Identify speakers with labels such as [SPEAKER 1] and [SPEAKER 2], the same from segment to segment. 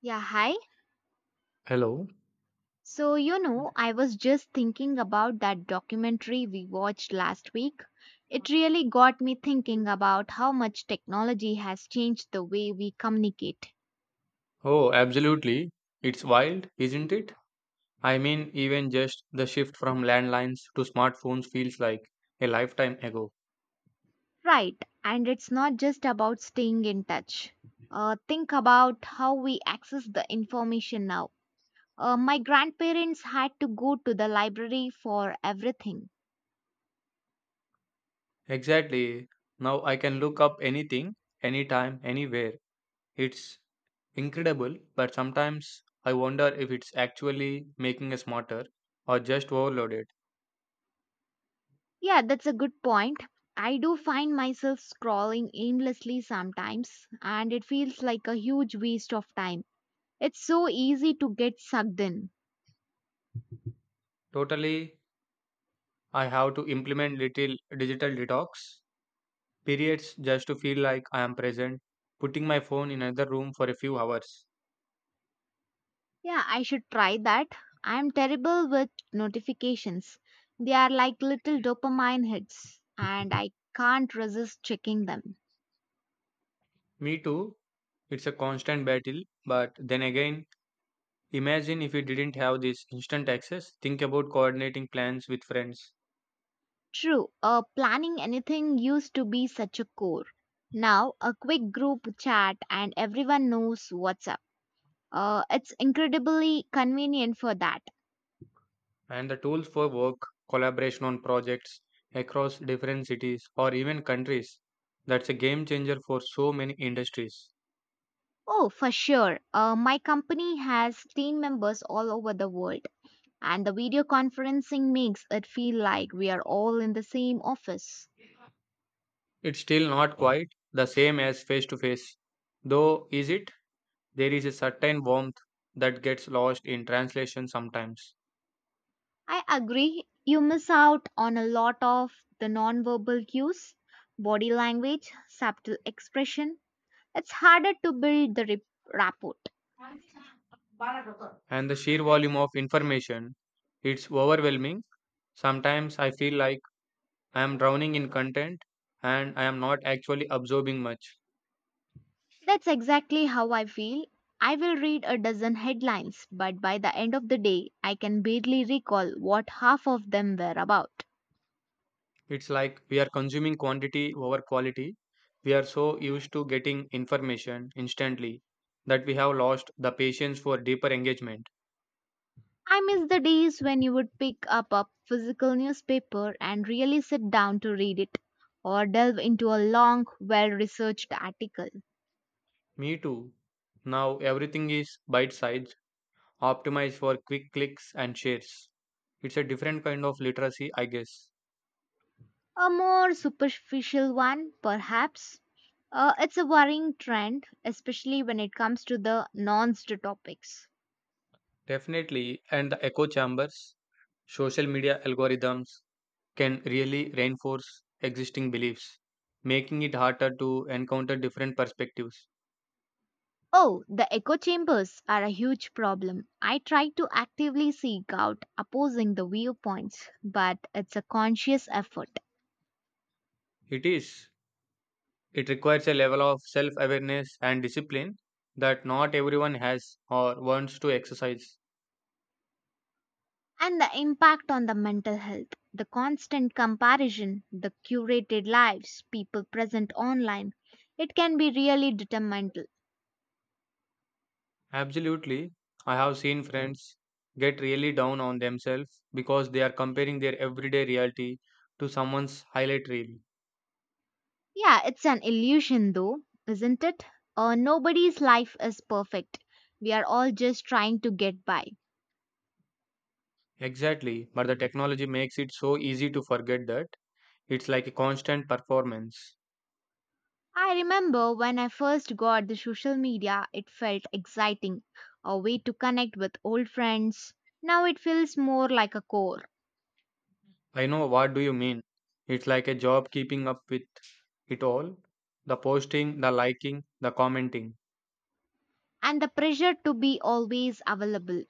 [SPEAKER 1] Yeah, hi.
[SPEAKER 2] Hello.
[SPEAKER 1] So, you know, I was just thinking about that documentary we watched last week. It really got me thinking about how much technology has changed the way we communicate.
[SPEAKER 2] Oh, absolutely. It's wild, isn't it? I mean, even just the shift from landlines to smartphones feels like a lifetime ago.
[SPEAKER 1] Right, and it's not just about staying in touch. Think about how we access the information now. My grandparents had to go to the library for everything.
[SPEAKER 2] Exactly. Now I can look up anything, anytime, anywhere. It's incredible, but sometimes I wonder if it's actually making us smarter or just overloaded.
[SPEAKER 1] Yeah, that's a good point. I do find myself scrolling aimlessly sometimes, and it feels like a huge waste of time. It's so easy to get sucked in.
[SPEAKER 2] Totally, I have to implement little digital detox periods just to feel like I am present, putting my phone in another room for a few hours.
[SPEAKER 1] Yeah, I should try that. I'm terrible with notifications. They are like little dopamine hits, and I can't resist checking them.
[SPEAKER 2] Me too, it's a constant battle, but then again, imagine if we didn't have this instant access. Think about coordinating plans with friends
[SPEAKER 1] True. Planning anything used to be such a chore. Now, a quick group chat, and everyone knows what's up. It's incredibly convenient for that.
[SPEAKER 2] and the tools for work, collaboration on projects across different cities or even countries. That's a game changer for so many industries.
[SPEAKER 1] Oh, for sure. My company has team members all over the world, and the video conferencing makes it feel like we are all in the same office.
[SPEAKER 2] It's still not quite the same as face to face, though, is it? There is a certain warmth that gets lost in translation sometimes,
[SPEAKER 1] I agree. You miss out on a lot of the nonverbal cues, body language, subtle expression. It's harder to build the rapport.
[SPEAKER 2] and the sheer volume of information, it's overwhelming. Sometimes I feel like I am drowning in content and I am not actually absorbing much.
[SPEAKER 1] That's exactly how I feel. I will read a dozen headlines, but by the end of the day, I can barely recall what half of them were about.
[SPEAKER 2] It's like we are consuming quantity over quality. We are so used to getting information instantly that we have lost the patience for deeper engagement.
[SPEAKER 1] I miss the days when you would pick up a physical newspaper and really sit down to read it, or delve into a long, well researched article.
[SPEAKER 2] Me too. Now everything is bite sized, optimized for quick clicks and shares. It's a different kind of literacy, I guess.
[SPEAKER 1] A more superficial one, perhaps. It's a worrying trend, especially when it comes to the non topics.
[SPEAKER 2] Definitely, and the echo chambers, social media algorithms can really reinforce existing beliefs, making it harder to encounter different perspectives.
[SPEAKER 1] Oh, the echo chambers are a huge problem. I try to actively seek out opposing the viewpoints, but it's a conscious effort.
[SPEAKER 2] It is. It requires a level of self awareness and discipline that not everyone has or wants to exercise.
[SPEAKER 1] And the impact on the mental health, the constant comparison, the curated lives people present online, it can be really detrimental.
[SPEAKER 2] Absolutely. I have seen friends get really down on themselves because they are comparing their everyday reality to someone's highlight reel.
[SPEAKER 1] Yeah, it's an illusion though, isn't it? Nobody's life is perfect. We are all just trying to get by.
[SPEAKER 2] Exactly. But the technology makes it so easy to forget that. It's like a constant performance.
[SPEAKER 1] I remember when I first got the social media, it felt exciting, a way to connect with old friends. Now it feels more like a chore,
[SPEAKER 2] I know what do you mean. It's like a job keeping up with it all. The posting, the liking, the commenting.
[SPEAKER 1] and the pressure to be always available.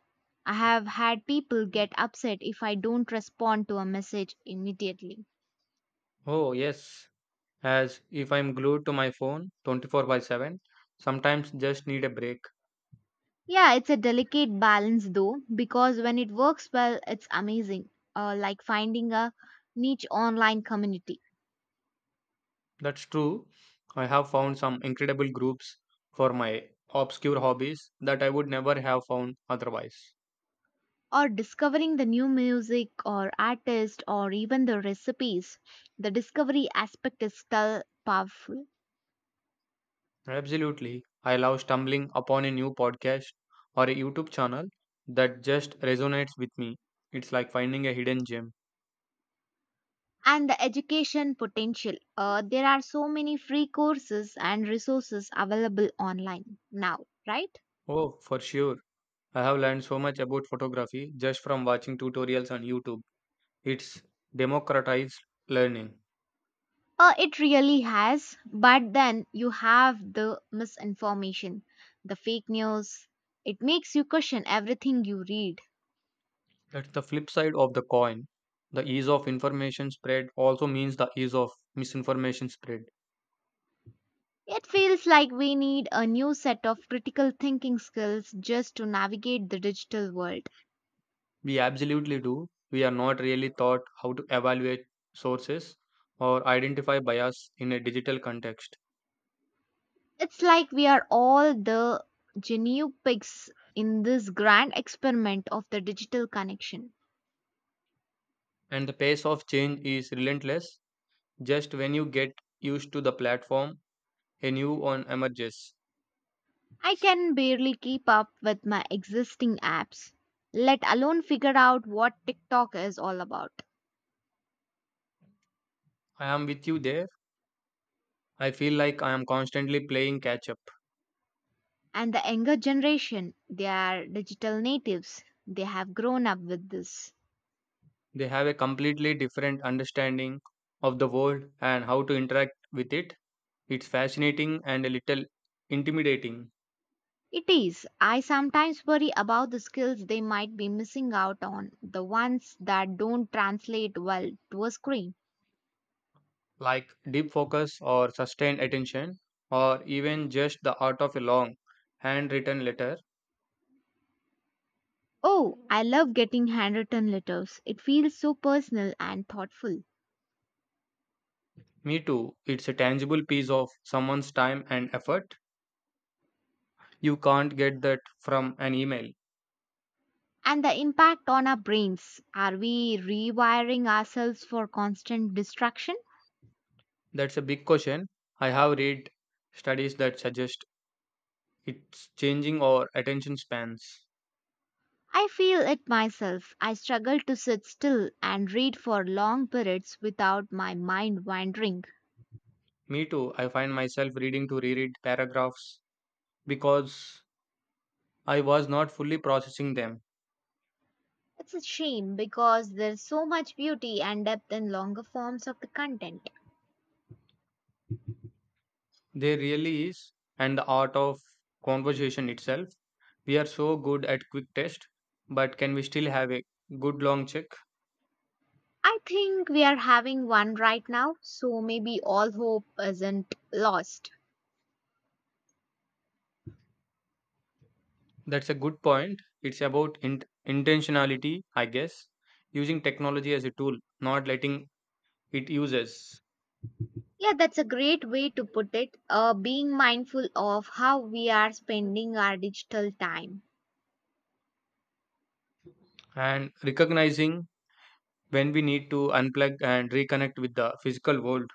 [SPEAKER 1] I have had people get upset if I don't respond to a message immediately.
[SPEAKER 2] Oh, yes. As if I'm glued to my phone 24/7, sometimes just need a break.
[SPEAKER 1] Yeah, it's a delicate balance though, because when it works well, it's amazing, like finding a niche online community,
[SPEAKER 2] That's true. I have found some incredible groups for my obscure hobbies that I would never have found otherwise.
[SPEAKER 1] or discovering the new music or artist or even the recipes. The discovery aspect is still powerful.
[SPEAKER 2] Absolutely. I love stumbling upon a new podcast or a YouTube channel that just resonates with me. It's like finding a hidden gem.
[SPEAKER 1] And the education potential. There are so many free courses and resources available online now, right?
[SPEAKER 2] Oh, for sure. I have learned so much about photography just from watching tutorials on YouTube. It's democratized learning.
[SPEAKER 1] It really has, but then you have the misinformation, the fake news. It makes you question everything you read.
[SPEAKER 2] That's the flip side of the coin. The ease of information spread also means the ease of misinformation spread.
[SPEAKER 1] It feels like we need a new set of critical thinking skills just to navigate the digital world.
[SPEAKER 2] We absolutely do. We are not really taught how to evaluate sources or identify bias in a digital context.
[SPEAKER 1] It's like we are all the genu pigs in this grand experiment of the digital connection.
[SPEAKER 2] And the pace of change is relentless. Just when you get used to the platform, a new one emerges.
[SPEAKER 1] I can barely keep up with my existing apps, let alone figure out what TikTok is all about.
[SPEAKER 2] I am with you there. I feel like I am constantly playing catch up.
[SPEAKER 1] And the younger generation, they are digital natives. They have grown up with this.
[SPEAKER 2] They have a completely different understanding of the world and how to interact with it. It's fascinating and a little intimidating,
[SPEAKER 1] It is. I sometimes worry about the skills they might be missing out on, the ones that don't translate well to a screen.
[SPEAKER 2] like deep focus or sustained attention, or even just the art of a long handwritten letter.
[SPEAKER 1] Oh, I love getting handwritten letters. It feels so personal and thoughtful.
[SPEAKER 2] Me too, it's a tangible piece of someone's time and effort. You can't get that from an email.
[SPEAKER 1] And the impact on our brains. Are we rewiring ourselves for constant distraction?
[SPEAKER 2] That's a big question. I have read studies that suggest it's changing our attention spans.
[SPEAKER 1] I feel it myself. I struggle to sit still and read for long periods without my mind wandering.
[SPEAKER 2] Me too, I find myself reading to reread paragraphs because I was not fully processing them.
[SPEAKER 1] It's a shame because there's so much beauty and depth in longer forms of the content.
[SPEAKER 2] There really is, and the art of conversation itself. We are so good at quick test, but can we still have a good long check?
[SPEAKER 1] I think we are having one right now, so maybe all hope isn't lost.
[SPEAKER 2] That's a good point. It's about intentionality, I guess, using technology as a tool, not letting it use us,
[SPEAKER 1] Yeah, that's a great way to put it. Being mindful of how we are spending our digital time.
[SPEAKER 2] and recognizing when we need to unplug and reconnect with the physical world.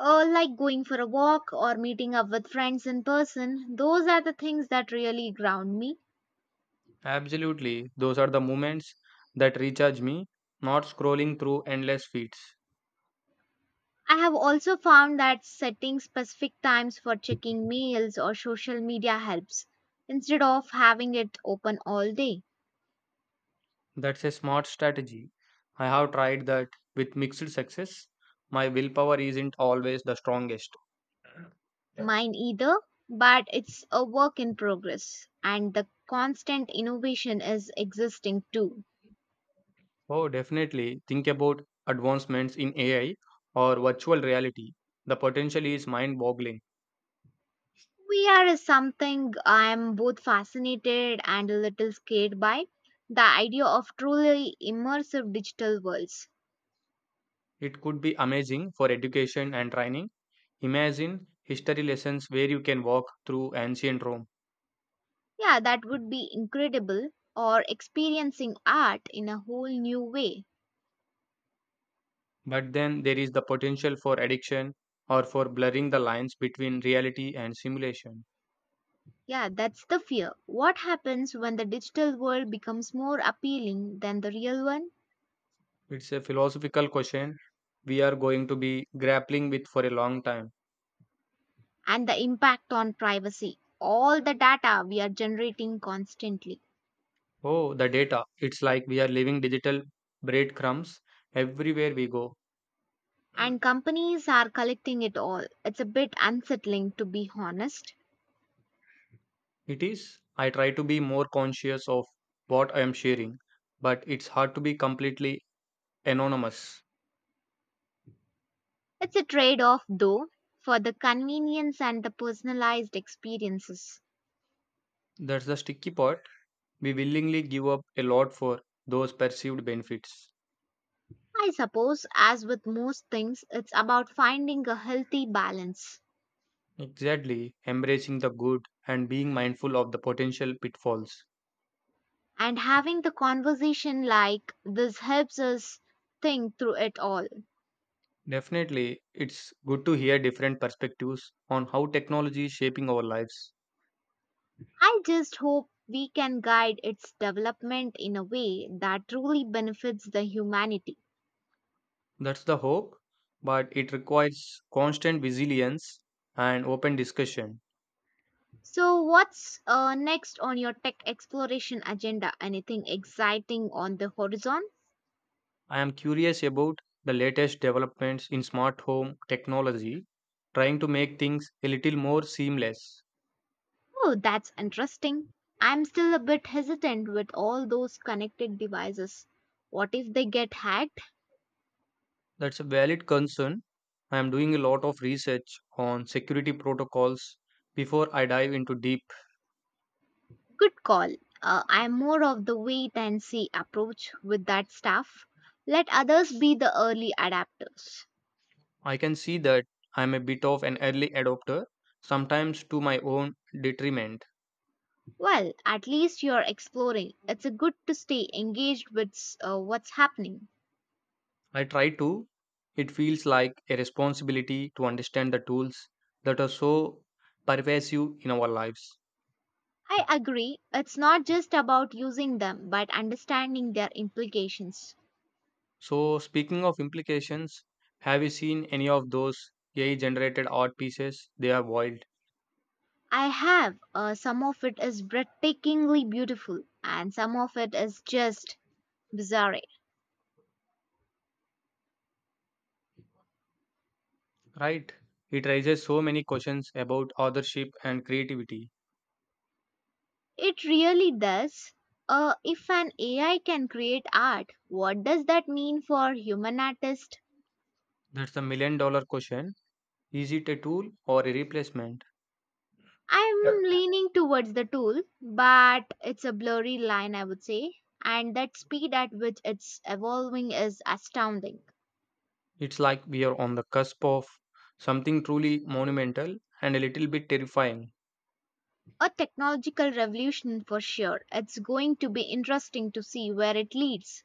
[SPEAKER 1] Like going for a walk or meeting up with friends in person, those are the things that really ground me.
[SPEAKER 2] Absolutely, those are the moments that recharge me, not scrolling through endless feeds.
[SPEAKER 1] I have also found that setting specific times for checking mails or social media helps instead of having it open all day.
[SPEAKER 2] That's a smart strategy. I have tried that with mixed success. My willpower isn't always the strongest.
[SPEAKER 1] Mine either, but it's a work in progress and the constant innovation is existing too.
[SPEAKER 2] Oh, definitely think about advancements in AI or virtual reality. The potential is mind boggling.
[SPEAKER 1] VR is something I am both fascinated and a little scared by. The idea of truly immersive digital worlds.
[SPEAKER 2] It could be amazing for education and training. Imagine history lessons where you can walk through ancient Rome.
[SPEAKER 1] Yeah, that would be incredible, or experiencing art in a whole new way.
[SPEAKER 2] But then there is the potential for addiction or for blurring the lines between reality and simulation.
[SPEAKER 1] Yeah, that's the fear. What happens when the digital world becomes more appealing than the real one?
[SPEAKER 2] It's a philosophical question we are going to be grappling with for a long time.
[SPEAKER 1] And the impact on privacy. All the data we are generating constantly.
[SPEAKER 2] Oh, the data. It's like we are leaving digital breadcrumbs everywhere we go.
[SPEAKER 1] And companies are collecting it all. It's a bit unsettling, to be honest.
[SPEAKER 2] It is. I try to be more conscious of what I am sharing, but it's hard to be completely anonymous.
[SPEAKER 1] It's a trade off, though, for the convenience and the personalized experiences.
[SPEAKER 2] That's the sticky part. We willingly give up a lot for those perceived benefits.
[SPEAKER 1] I suppose, as with most things, it's about finding a healthy balance.
[SPEAKER 2] Exactly. Embracing the good and being mindful of the potential pitfalls.
[SPEAKER 1] And having the conversation like this helps us think through it all.
[SPEAKER 2] Definitely, it's good to hear different perspectives on how technology is shaping our lives.
[SPEAKER 1] I just hope we can guide its development in a way that truly benefits the humanity.
[SPEAKER 2] That's the hope, but it requires constant vigilance and open discussion.
[SPEAKER 1] So, what's next on your tech exploration agenda? Anything exciting on the horizon?
[SPEAKER 2] I am curious about the latest developments in smart home technology, trying to make things a little more seamless.
[SPEAKER 1] Oh, that's interesting. I'm still a bit hesitant with all those connected devices. What if they get hacked?
[SPEAKER 2] That's a valid concern. I am doing a lot of research on security protocols before I dive into deep.
[SPEAKER 1] Good call. I'm more of the wait and see approach with that stuff. Let others be the early adapters.
[SPEAKER 2] I can see that. I'm a bit of an early adopter, sometimes to my own detriment.
[SPEAKER 1] Well, at least you're exploring. It's a good to stay engaged with what's happening.
[SPEAKER 2] I try to. It feels like a responsibility to understand the tools that are so pervasive in our lives.
[SPEAKER 1] I agree. It's not just about using them, but understanding their implications.
[SPEAKER 2] So, speaking of implications, have you seen any of those AI generated art pieces? They are wild,
[SPEAKER 1] I have. Some of it is breathtakingly beautiful, and some of it is just bizarre.
[SPEAKER 2] right? It raises so many questions about authorship and creativity.
[SPEAKER 1] It really does. If an AI can create art, what does that mean for human artists?
[SPEAKER 2] That's the million dollar question. Is it a tool or a replacement?
[SPEAKER 1] I'm leaning towards the tool, but it's a blurry line, I would say. And that speed at which it's evolving is astounding.
[SPEAKER 2] It's like we are on the cusp of something truly monumental and a little bit terrifying.
[SPEAKER 1] A technological revolution for sure. It's going to be interesting to see where it leads.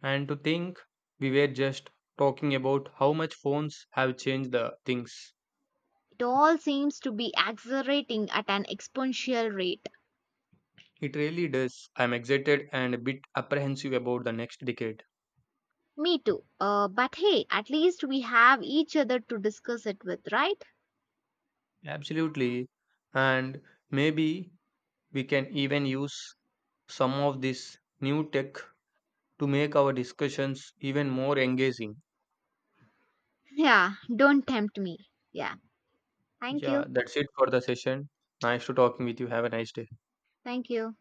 [SPEAKER 2] And to think we were just talking about how much phones have changed the things.
[SPEAKER 1] It all seems to be accelerating at an exponential rate.
[SPEAKER 2] It really does. I'm excited and a bit apprehensive about the next decade.
[SPEAKER 1] Me too. But hey, at least we have each other to discuss it with, right?
[SPEAKER 2] Absolutely. And maybe we can even use some of this new tech to make our discussions even more engaging.
[SPEAKER 1] Yeah, don't tempt me. Yeah. Thank
[SPEAKER 2] Yeah,
[SPEAKER 1] you.
[SPEAKER 2] that's it for the session. Nice to talking with you. Have a nice day.
[SPEAKER 1] Thank you.